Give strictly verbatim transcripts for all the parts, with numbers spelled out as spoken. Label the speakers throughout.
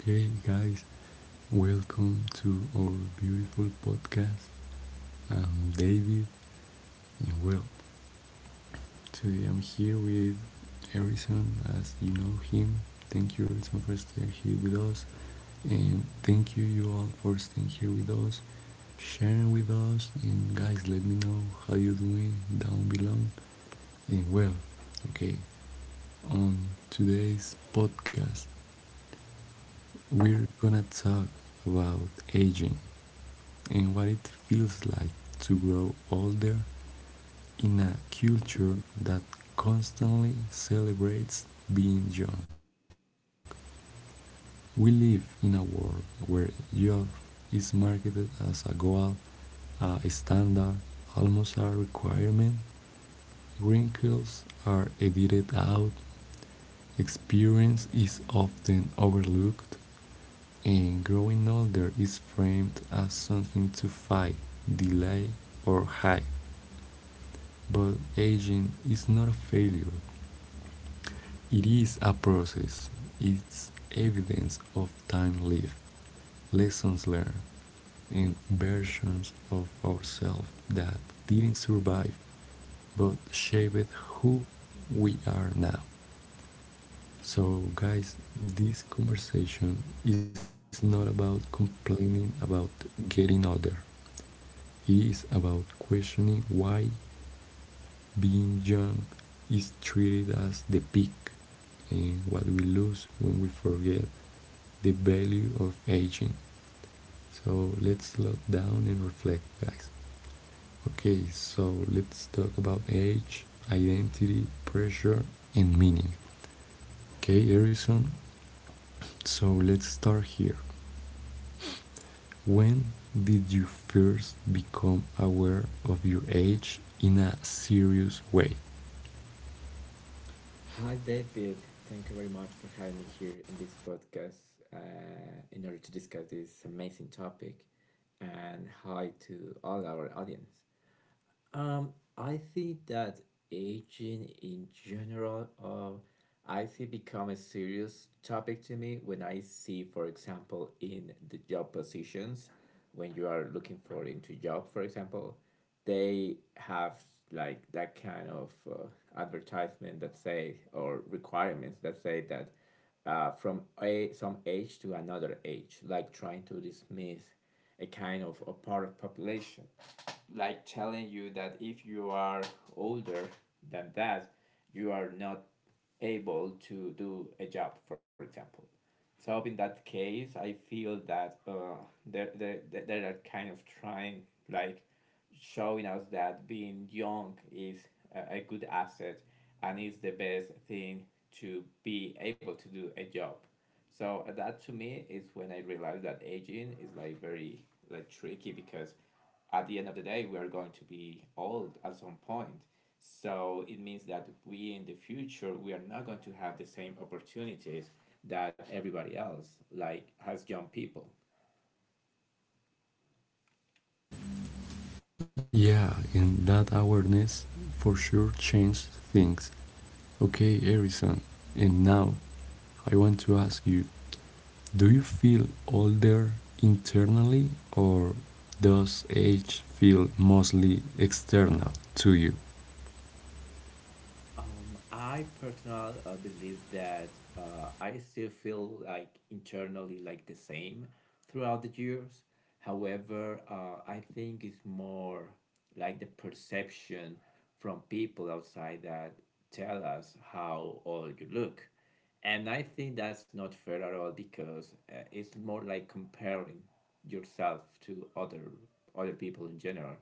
Speaker 1: Okay, guys, welcome to our beautiful podcast. I'm David, and well, today I'm here with Harrison, as you know him. Thank you, Harrison, for staying here with us, and thank you, you all, for staying here with us, sharing with us. And guys, let me know how you doing down below. And well, okay, on today's podcast, we're gonna talk about aging, and what it feels like to grow older in a culture that constantly celebrates being young. We live in a world where youth is marketed as a goal, a standard, almost a requirement. Wrinkles are edited out, experience is often overlooked, and growing older is framed as something to fight, delay, or hide. But aging is not a failure, it is a process, it's evidence of time lived, lessons learned, and versions of ourselves that didn't survive but shaped who we are now. So, guys, this conversation is not about complaining about getting older. It is about questioning why being young is treated as the peak and what we lose when we forget the value of aging. So, let's slow down and reflect, guys. Okay, so let's talk about age, identity, pressure, and meaning. Okay, Harrison, so let's start here. When did you first become aware of your age in a serious way?
Speaker 2: Hi, David. Thank you very much for having me here in this podcast uh, in order to discuss this amazing topic. And hi to all our audience. Um, I think that aging in general, uh, I think become a serious topic to me when I see, for example, in the job positions, when you are looking for into job, for example, they have like that kind of uh, advertisement that say or requirements that say that uh, from a, some age to another age, like trying to dismiss a kind of a part of population, like telling you that if you are older than that, you are not able to do a job, for example. So in that case, I feel that uh, they're, they're, they're they're kind of trying like showing us that being young is a, good asset and is the best thing to be able to do a job. So uh, that to me is when I realized that aging is like very like tricky because at the end of the day we are going to be old at some point. So it means that we in the future we are not going to have the same opportunities that everybody else like has young people.
Speaker 1: Yeah, and that awareness for sure changed things. Okay, Harrison, and now I want to ask you, do you feel older internally, or does age feel mostly external to you?
Speaker 2: Um, I personally uh, believe that uh, I still feel like internally like the same throughout the years. However, uh, I think it's more like the perception from people outside that tell us how old you look. And I think that's not fair at all because uh, it's more like comparing yourself to other other people in general.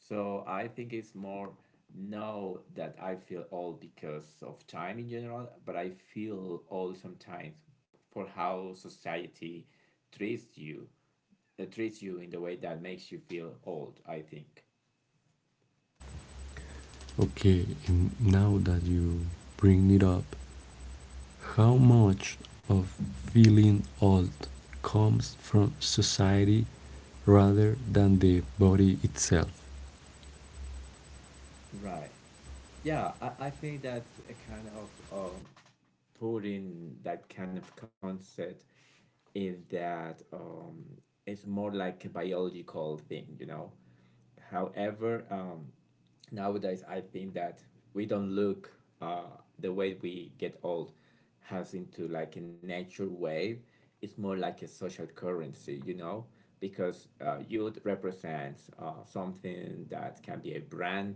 Speaker 2: So I think it's more now that I feel old because of time in general, but I feel old sometimes for how society treats you, uh, treats you in the way that makes you feel old, I think.
Speaker 1: Okay, and now that you bring it up, how much of feeling old comes from society rather than the body itself?
Speaker 2: Right. Yeah, I, I think that's a kind of um, putting that kind of concept in that um, it's more like a biological thing, you know. However, um, nowadays I think that we don't look uh, the way we get old has into like a natural wave. It's more like a social currency, you know, because uh, youth represents uh, something that can be a brand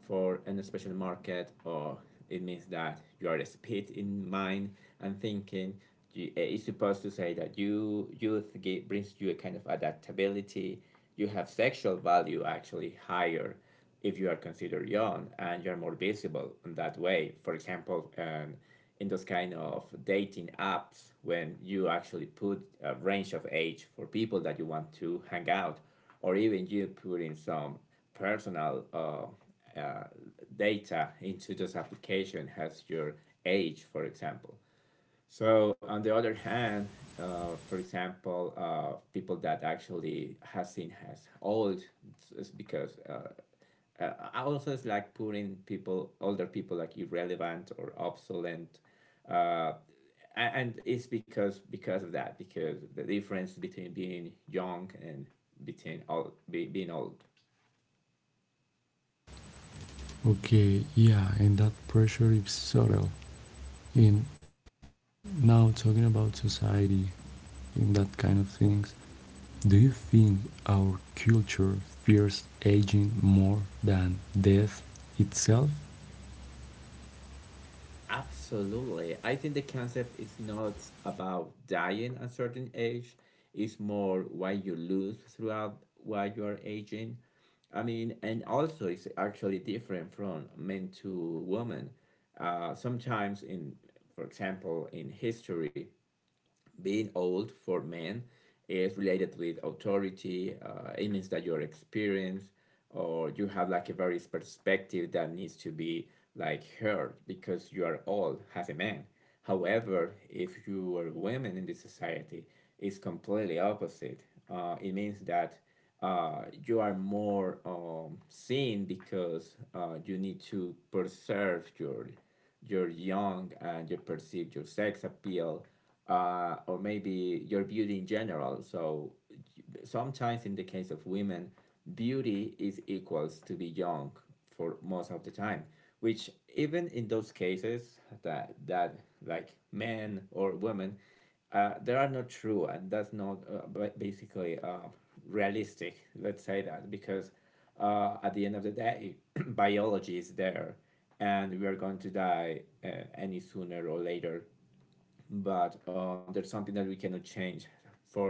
Speaker 2: for an special market or it means that you are speed in mind and thinking you, eh, it's supposed to say that you youth gi- brings you a kind of adaptability you have sexual value actually higher if you are considered young and you're more visible in that way, for example. Um, in those kind of dating apps when you actually put a range of age for people that you want to hang out or even you put in some personal uh, uh, data into this application has your age, for example. So on the other hand, uh, for example, uh, people that actually has seen has old, it's- because uh, uh, I also it's like putting people, older people, like irrelevant or obsolete. Uh, a- and it's because because of that because the difference between being young and between old be, being old.
Speaker 1: Okay, yeah, and that pressure is subtle. And now talking about society and that kind of things, do you think our culture fears aging more than death itself?
Speaker 2: Absolutely. I think the concept is not about dying at a certain age, it's more what you lose throughout while you are aging. I mean, and also it's actually different from men to women. Uh, sometimes in, for example, in history, being old for men is related with authority. Uh, it means that your experience or you have like a various perspective that needs to be like heard because you are old as a man. However, if you are women in this society, it's completely opposite. Uh, it means that uh, you are more um, seen because uh, you need to preserve your your young and you perceive your sex appeal uh, or maybe your beauty in general. So sometimes in the case of women, beauty is equals to be young for most of the time. Which even in those cases that that like men or women uh, they are not true and that's not uh, ba- basically uh, realistic, let's say that, because uh, at the end of the day biology is there and we are going to die uh, any sooner or later, but um, there's something that we cannot change for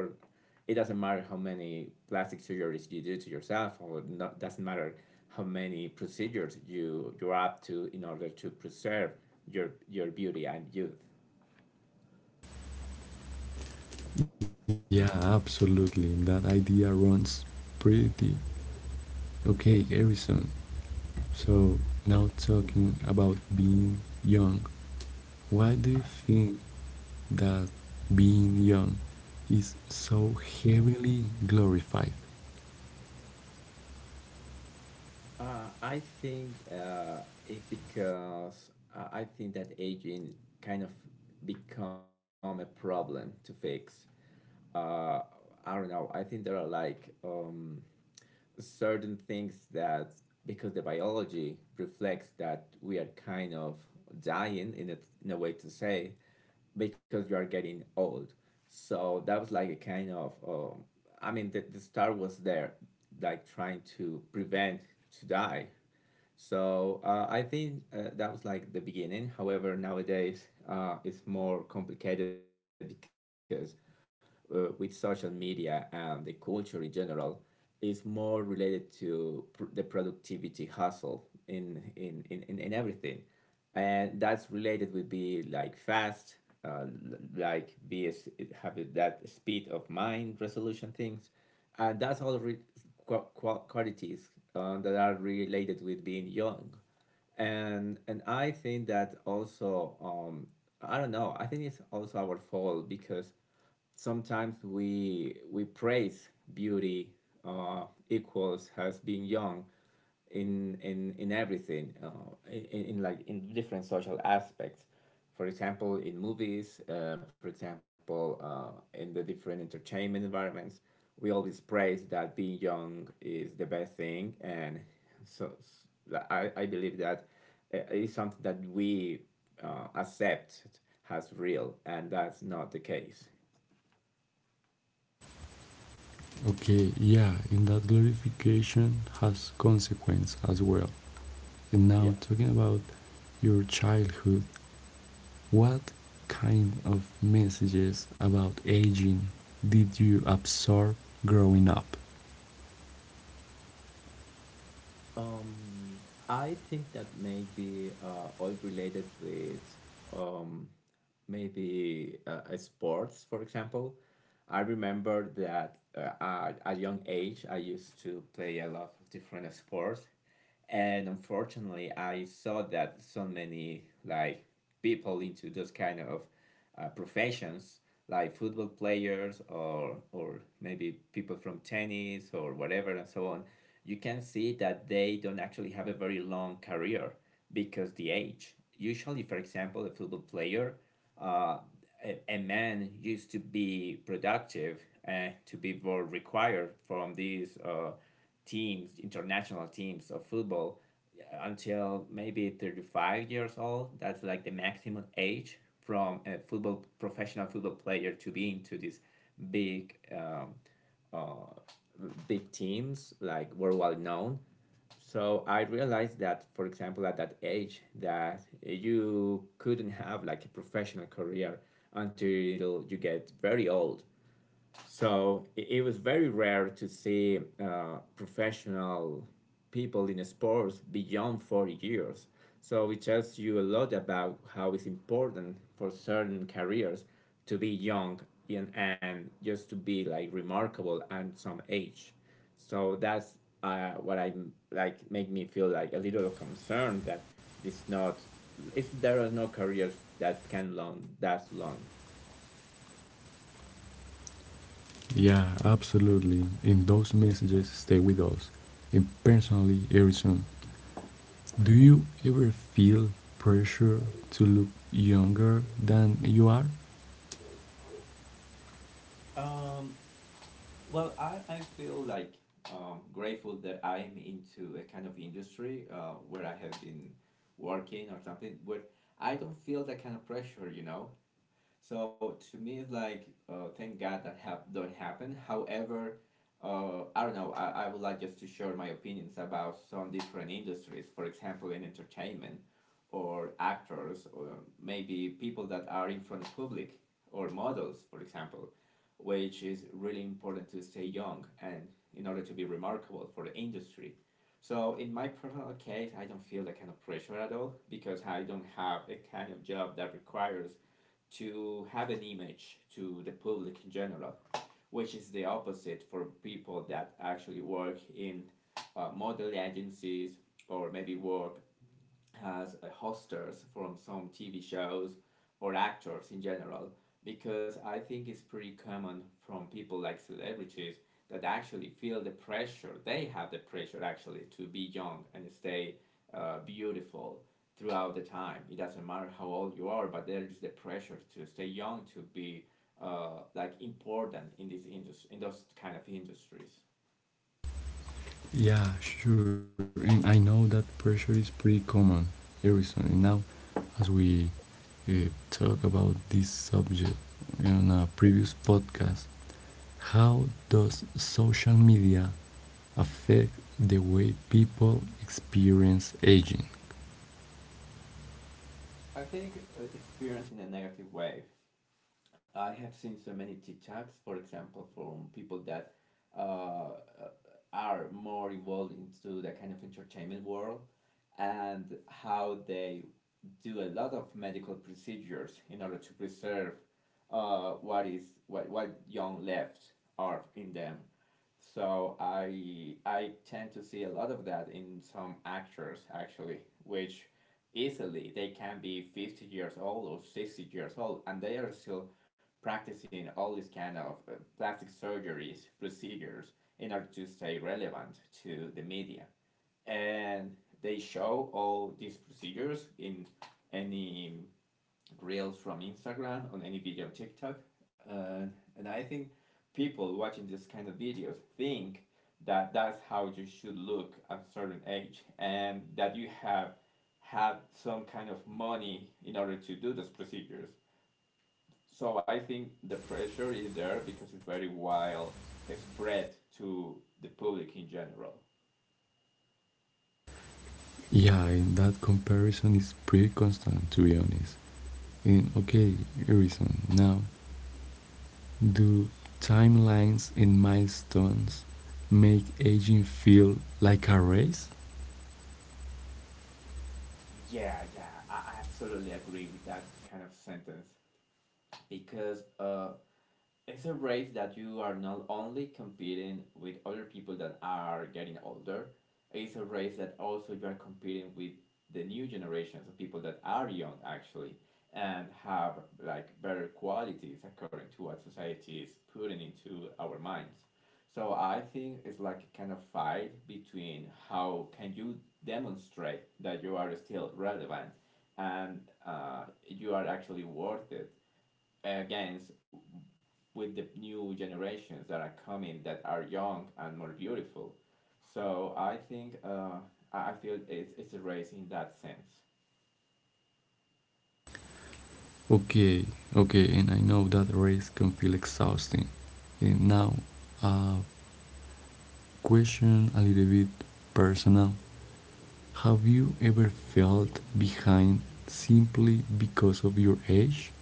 Speaker 2: it doesn't matter how many plastic surgeries you do to yourself or not, doesn't matter how many procedures you you're up to in order to preserve your your beauty and youth.
Speaker 1: Yeah, absolutely. That idea runs pretty. Okay, Harrison, so, now talking about being young, why do you think that being young is so heavily glorified?
Speaker 2: Uh, I think uh, it's because uh, I think that aging kind of become a problem to fix. Uh, I don't know. I think there are like um, certain things that because the biology reflects that we are kind of dying in a, in a way to say because you are getting old. So that was like a kind of um, I mean the, the star was there like trying to prevent to die, so uh, I think uh, that was like the beginning. However, nowadays uh, it's more complicated because uh, with social media and the culture in general is more related to pr- the productivity hustle in in, in, in in everything, and that's related would be like fast, uh, like be as have that speed of mind resolution things, and that's all re- qua- qua- qualities uh, that are related with being young. and and I think that also um I don't know, I think it's also our fault because sometimes we we praise beauty, uh, equals has being young in in in everything, uh, in, in in, like in different social aspects, for example in movies, uh, for example, uh, in the different entertainment environments we always praise that being young is the best thing. And so s- i, I believe that uh, it's something that we uh, accept as real, and that's not the case.
Speaker 1: Okay, yeah, and that glorification has consequence as well. And now
Speaker 2: Yeah.
Speaker 1: talking about your childhood, what kind of messages about aging did you absorb growing up?
Speaker 2: um, I think that may be uh, all related with maybe uh, sports, for example. I remember that uh, at a young age, I used to play a lot of different sports, and unfortunately, I saw that so many like people into those kind of uh, professions like football players or or maybe people from tennis or whatever and so on, you can see that they don't actually have a very long career because the age, usually, for example, a football player, uh, a, a man used to be productive and uh, to be more required from these uh, teams, international teams of football uh, until maybe thirty-five years old. That's like the maximum age from a football professional football player to be into these big um, big teams, like worldwide known. So I realized that, for example, at that age, that you couldn't have like a professional career until you get very old. So it, it was very rare to see uh, professional people in sports beyond forty years. So it tells you a lot about how it's important for certain careers to be young and, and just to be like remarkable at some age. So that's uh, what I like make me feel like a little concerned that this not if there are no careers that can long that long.
Speaker 1: Yeah, absolutely. And those messages stay with us. And personally, Harrison, do you ever feel pressure to look younger than you are?
Speaker 2: Well, I, I feel like um, grateful that I'm into a kind of industry uh, where I have been working or something where I don't feel that kind of pressure, you know. So to me, it's like uh, thank God that have don't happen. However, uh, I don't know. I, I would like just to share my opinions about some different industries. For example, in entertainment, or actors, or maybe people that are in front of public, or models, for example, which is really important to stay young and in order to be remarkable for the industry. So in my personal case, I don't feel that kind of pressure at all because I don't have a kind of job that requires to have an image to the public in general, which is the opposite for people that actually work in uh, model agencies, or maybe work as uh, hosters from some T V shows or actors in general, because I think it's pretty common from people like celebrities that actually feel the pressure. They have the pressure actually to be young and stay uh, beautiful throughout the time. It doesn't matter how old you are, but there is the pressure to stay young, to be uh, like important in this industry, in those kind of industries.
Speaker 1: Yeah, sure. And I know that pressure is pretty common, Harrison. And now, as we
Speaker 2: Mm-hmm.
Speaker 1: uh, talk about this subject in a previous podcast, how does social media affect the way people experience aging?
Speaker 2: I think uh, experienced a negative wave. I have seen so many TikToks, for example, from people that uh, are more involved into the kind of entertainment world and how they do a lot of medical procedures in order to preserve uh, what is what, what young left are in them. So I I tend to see a lot of that in some actors actually, which easily they can be fifty years old or sixty years old and they are still practicing all these kind of uh, plastic surgeries procedures in order to stay relevant to the media, and they show all these procedures in any reels from Instagram, on any video on TikTok. Uh, and I think people watching this kind of videos think that that's how you should look at a certain age and that you have had some kind of money in order to do those procedures. So I think the pressure is there because it's very wild spread to the public in general.
Speaker 1: Yeah, in that comparison is pretty constant to be honest. In okay, Harrison, now do timelines and milestones make aging feel like a race?
Speaker 2: Yeah, yeah, I absolutely agree with that kind of sentence because uh, it's a race that you are not only competing with other people that are getting older, it's a race that also you are competing with the new generations of people that are young actually and have like better qualities according to what society is putting into our minds. So I think it's like a kind of fight between how can you demonstrate that you are still relevant and uh, you are actually worth it against with the new generations that are coming that are young and more beautiful. So I think uh, I feel it's, it's a race in that sense.
Speaker 1: Okay, okay, and I know that race can feel exhausting. And now, a question a little bit personal. Have you ever felt behind simply because of your age?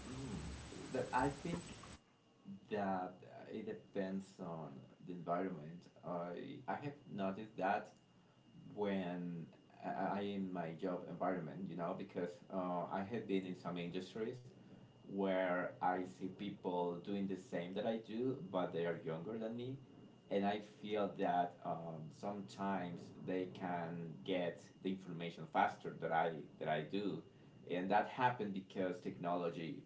Speaker 2: Mm, that I think that it depends on the environment. I I have noticed that when I I- I in my job environment, you know, because uh, I have been in some industries where I see people doing the same that I do, but they are younger than me. And I feel that um, sometimes they can get the information faster that I that I do, and that happened because technology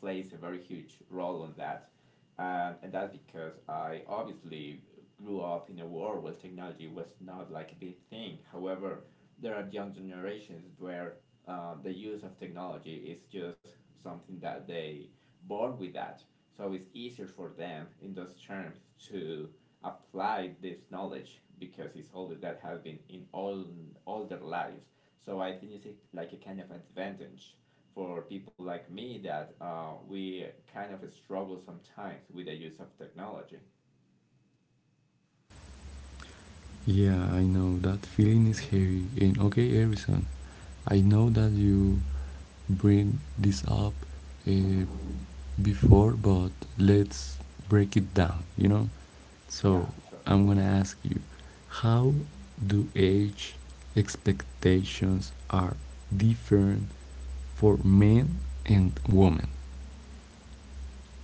Speaker 2: plays a very huge role on that, and and that's because I obviously grew up in a world where technology was not like a big thing. However, there are young generations where uh, the use of technology is just something that they born with that. So it's easier for them in those terms to apply this knowledge because it's always that has been in all all their lives. So I think it's like like a kind of advantage for people like me that uh, we kind of struggle sometimes with the use of technology.
Speaker 1: Yeah, I know that feeling is heavy. And okay, Harrison, I know that you bring this up uh, before, but let's break it down, you know?
Speaker 2: Yeah,
Speaker 1: So
Speaker 2: sure.
Speaker 1: I'm gonna ask you, how do age expectations are different for men and women?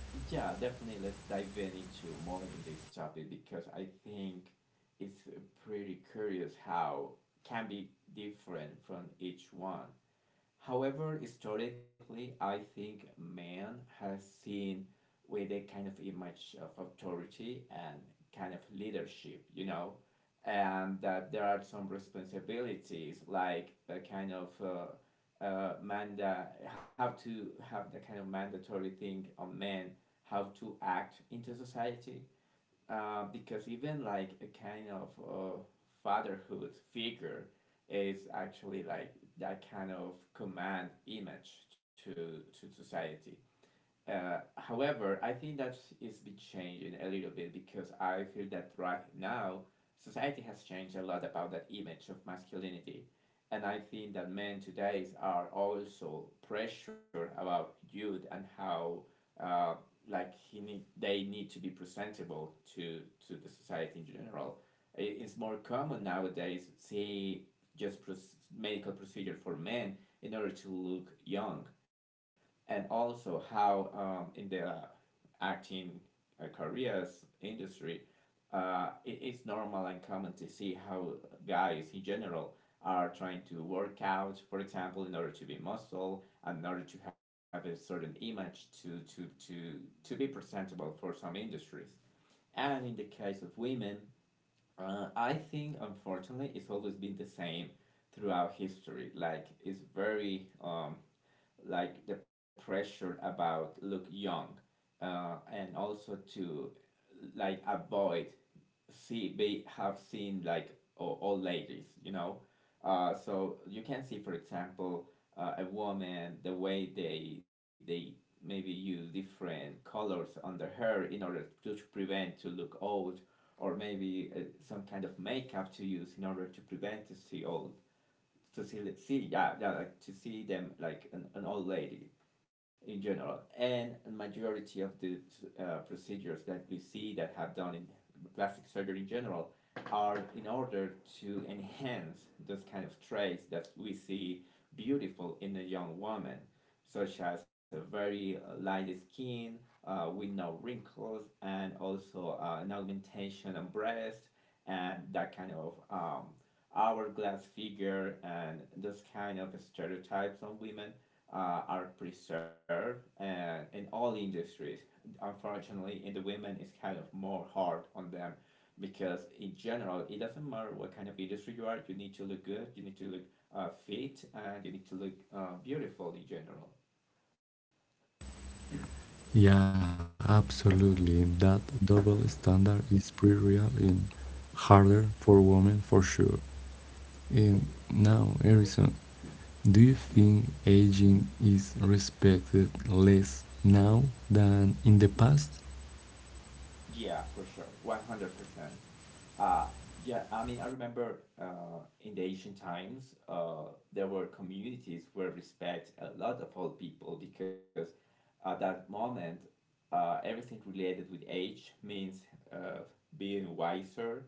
Speaker 2: Yeah, definitely. Let's dive in into more in this topic because I think it's uh, pretty curious how can be different from each one. However, historically, I think man has seen with a kind of image of authority and kind of leadership, you know, and that there are some responsibilities like a kind of uh, uh, manda have to have the kind of mandatory thing on men how to act into society, uh, because even like a kind of uh, fatherhood figure is actually like that kind of command image to to society. Uh, however, I think that is be changing a little bit because I feel that right now society has changed a lot about that image of masculinity, and I think that men today are also pressure about youth and how uh, like he need they need to be presentable to to the society in general. It is more common nowadays see just pros- medical procedure for men in order to look young, and also how um, in the uh, acting uh, careers industry, uh, it is normal and common to see how guys in general are trying to work out, for example, in order to be muscle, in order to have a certain image to, to, to, to be presentable for some industries. And in the case of women, uh, I think unfortunately it's always been the same throughout history. Like it's very um, like the pressure about look young, uh, and also to like avoid see they have seen like o- old ladies, you know. Uh, so you can see, for example, uh, a woman the way they they maybe use different colors on their hair in order to prevent to look old, or maybe uh, some kind of makeup to use in order to prevent to see old, to see see, yeah, yeah, like to see them like an, an old lady in general. And majority of the uh, procedures that we see that have done in plastic surgery in general are in order to enhance those kind of traits that we see beautiful in a young woman, such as a very uh, light skin uh, with no wrinkles, and also uh, an augmentation of breast and that kind of um, hourglass figure. And those kind of stereotypes on women uh, are preserved and in all industries. Unfortunately, in the women, it's kind of more hard on them because in general, it doesn't matter what kind of industry you are. You need to look good. You need to look uh, fit, and you need to look uh, beautiful in general.
Speaker 1: Yeah, absolutely. That double standard is pretty real and harder for women for sure. And now, Harrison, do you think aging is respected less now than in the past?
Speaker 2: Yeah, for sure, one hundred percent. Uh, yeah, I mean, I remember uh, in the ancient times, uh, there were communities where respect a lot of old people because at that moment, uh, everything related with age means uh, being wiser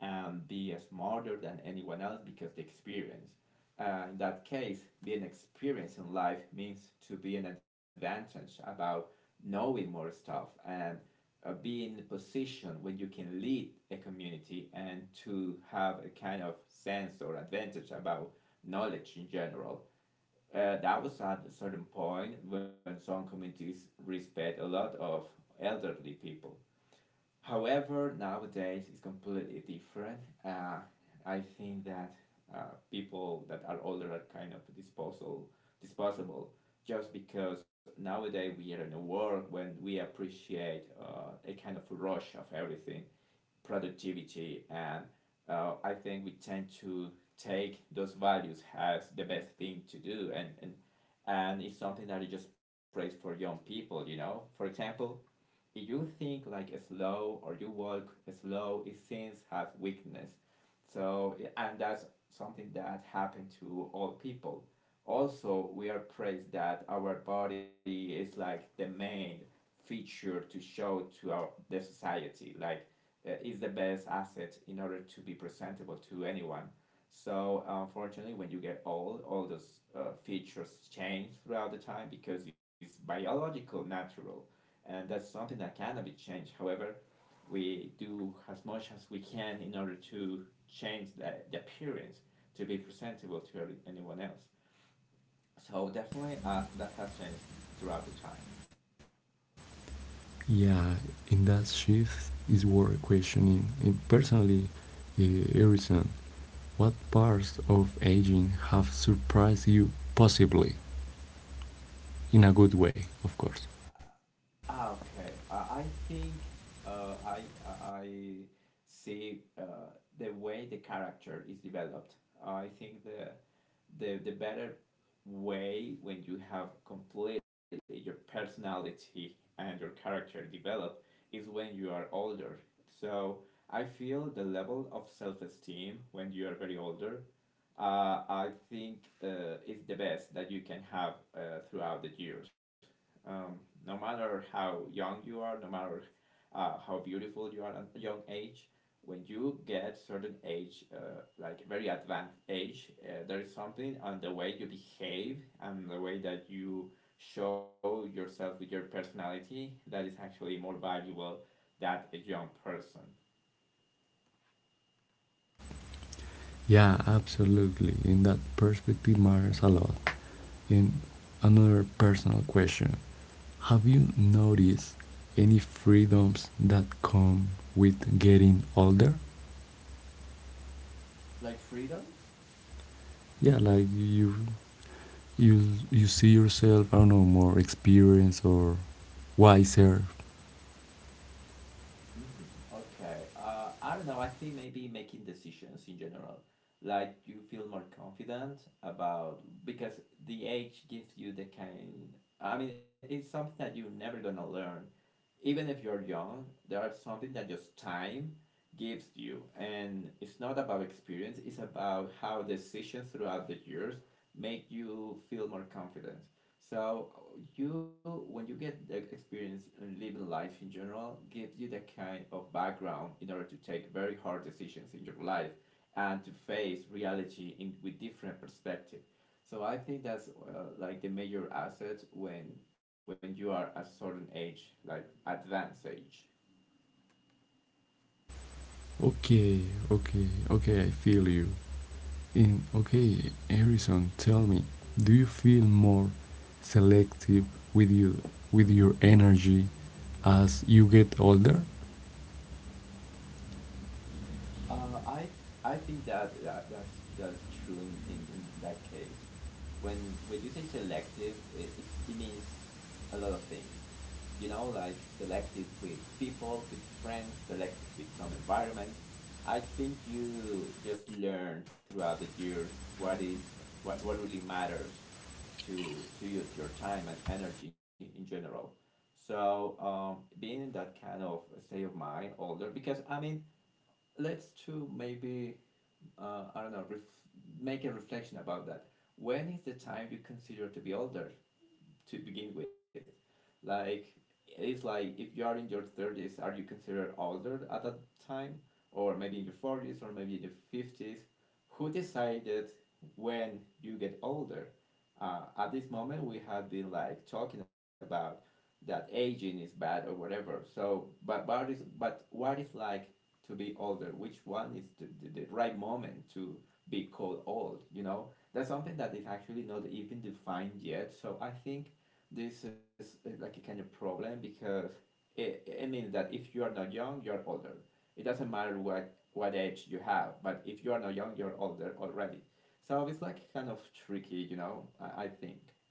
Speaker 2: and be smarter than anyone else because the experience. Uh, in that case, being experienced in life means to be an advantage about knowing more stuff, and uh, be in a position when you can lead a community and to have a kind of sense or advantage about knowledge in general. Uh, that was at a certain point when some communities respect a lot of elderly people. However, nowadays it's completely different. Uh, I think that uh, people that are older are kind of disposal, disposable, just because nowadays we are in a world when we appreciate uh, a kind of rush of everything, productivity, and uh, I think we tend to take those values as the best thing to do, and, and and it's something that is just praised for young people, you know. For example, if you think like slow or you walk slow, it seems has weakness. So yeah, and that's something that happened to all people. Also, we are praised that our body is like the main feature to show to our the society. Like uh, is the best asset in order to be presentable to anyone. So unfortunately, when you get old, all those uh, features change throughout the time because it's biological, natural, and that's something that cannot be changed. However, we do as much as we can in order to change the, the appearance to be presentable to anyone else. So definitely, uh, that has changed throughout the time.
Speaker 1: Yeah, in that shift is worth questioning. And personally, uh, Harrison, what parts of aging have surprised you possibly? In a good way, of course.
Speaker 2: Ah, okay. Uh, I think uh, I uh, I see uh, the way the character is developed. I think the the the better way when you have completely your personality and your character developed is when you are older. So I feel the level of self esteem when you are very older uh, I think uh, is the best that you can have uh, throughout the years. Um, no matter how young you are, no matter uh, how beautiful you are at a young age, when you get certain age, uh, like very advanced age, uh, there is something on the way you behave and the way that you show yourself with your personality that is actually more valuable than a young person.
Speaker 1: Yeah, absolutely. In that perspective matters a lot. And another personal question, have you noticed any freedoms that come with getting older?
Speaker 2: Like freedoms?
Speaker 1: Yeah, like you you you see yourself, I don't know, more experienced or wiser.
Speaker 2: Mm, okay. Uh, I don't know. I think maybe making decisions in general. Like you feel more confident about because the age gives you the kind. I mean, it's something that you're never gonna learn, even if you're young. There are something that just time gives you, and it's not about experience. It's about how decisions throughout the years make you feel more confident. So you, when you get the experience in living life in general, gives you the kind of background in order to take very hard decisions in your life and to face reality in with different perspective. So I think that's uh, like the major asset when when you are at a certain age, like advanced age.
Speaker 1: Okay, okay, okay, I feel you. In okay, Harrison, tell me, do you feel more selective with you with your energy as you get older?
Speaker 2: Uh, I th- I think that, that that's that's true in, in, in that case. When when you say selective, it, it, it means a lot of things. You know, like selective with people, with friends, selected with some environments. I think you just learn throughout the years what is what, what really matters to to use your time and energy in general. So um, being in that kind of state of mind older, because I mean, let's to maybe uh, I don't know ref- make a reflection about that. When is the time you consider to be older? To begin with, like, it's like if you are in your thirties, are you considered older at that time, or maybe in your forties, or maybe in your fifties? Who decided when you get older? Uh, at this moment, we have been like talking about that aging is bad or whatever, so but but, is, but what is like to be older? Which one is the, the, the right moment to be called old, you know? That's something that is actually not even defined yet. So I think this is uh, like a kind of problem because it, it means that if you are not young, you're older. It doesn't matter what, what age you have, but if you are not young, you're older already. So it's like kind of tricky, you know, I, I think.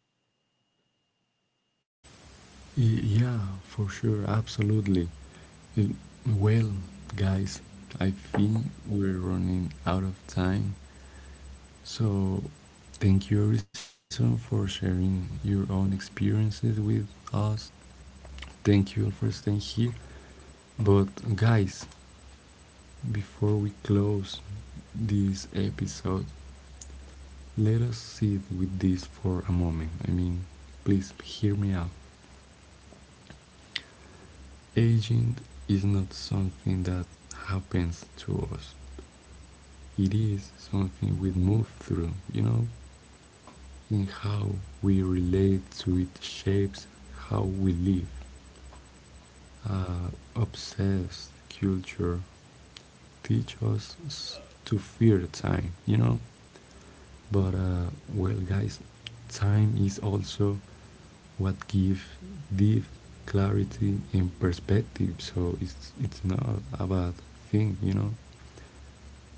Speaker 1: Y- yeah, for sure, absolutely. Uh, Well, guys, I think we're running out of time. So, thank you, Harrison, for sharing your own experiences with us. Thank you all for staying here. But, guys, before we close this episode, let us sit with this for a moment. I mean, please hear me out. Aging is not something that happens to us, it is something we move through, you know, in how we relate to it shapes how we live. Uh, Obsessed culture teach us to fear time, you know. But uh, well, guys, time is also what gives deep clarity and perspective. So it's it's not a bad thing, you know.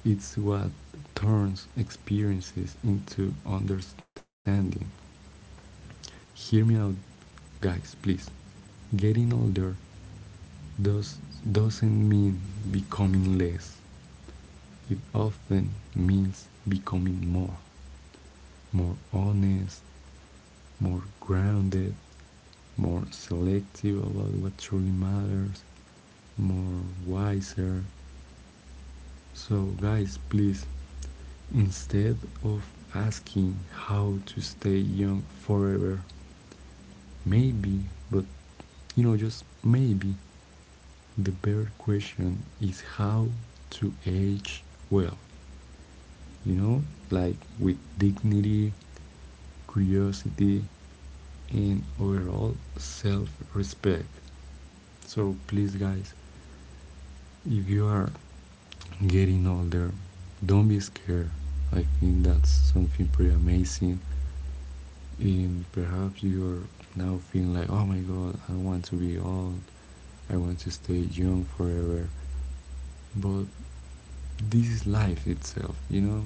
Speaker 1: It's what turns experiences into understanding. Hear me out, guys, please. Getting older does, doesn't mean becoming less, it often means becoming more. More honest, more grounded, more selective about what truly matters, more wiser. So, guys, please, instead of asking how to stay young forever, maybe, but you know, just maybe, the better question is how to age well, you know, like with dignity, curiosity, and overall self respect. So, please, guys, if you are getting older, don't be scared. I think that's something pretty amazing, and perhaps you're now feeling like, oh my god, I want to be old, I want to stay young forever, but this is life itself, you know,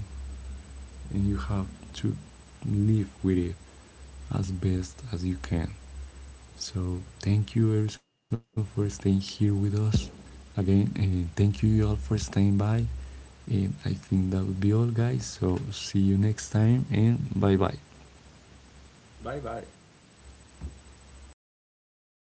Speaker 1: and you have to live with it as best as you can. So thank you everyone for staying here with us again, and thank you all for staying by. And I think that would be all, guys. So, see you next time, and bye bye.
Speaker 2: Bye bye.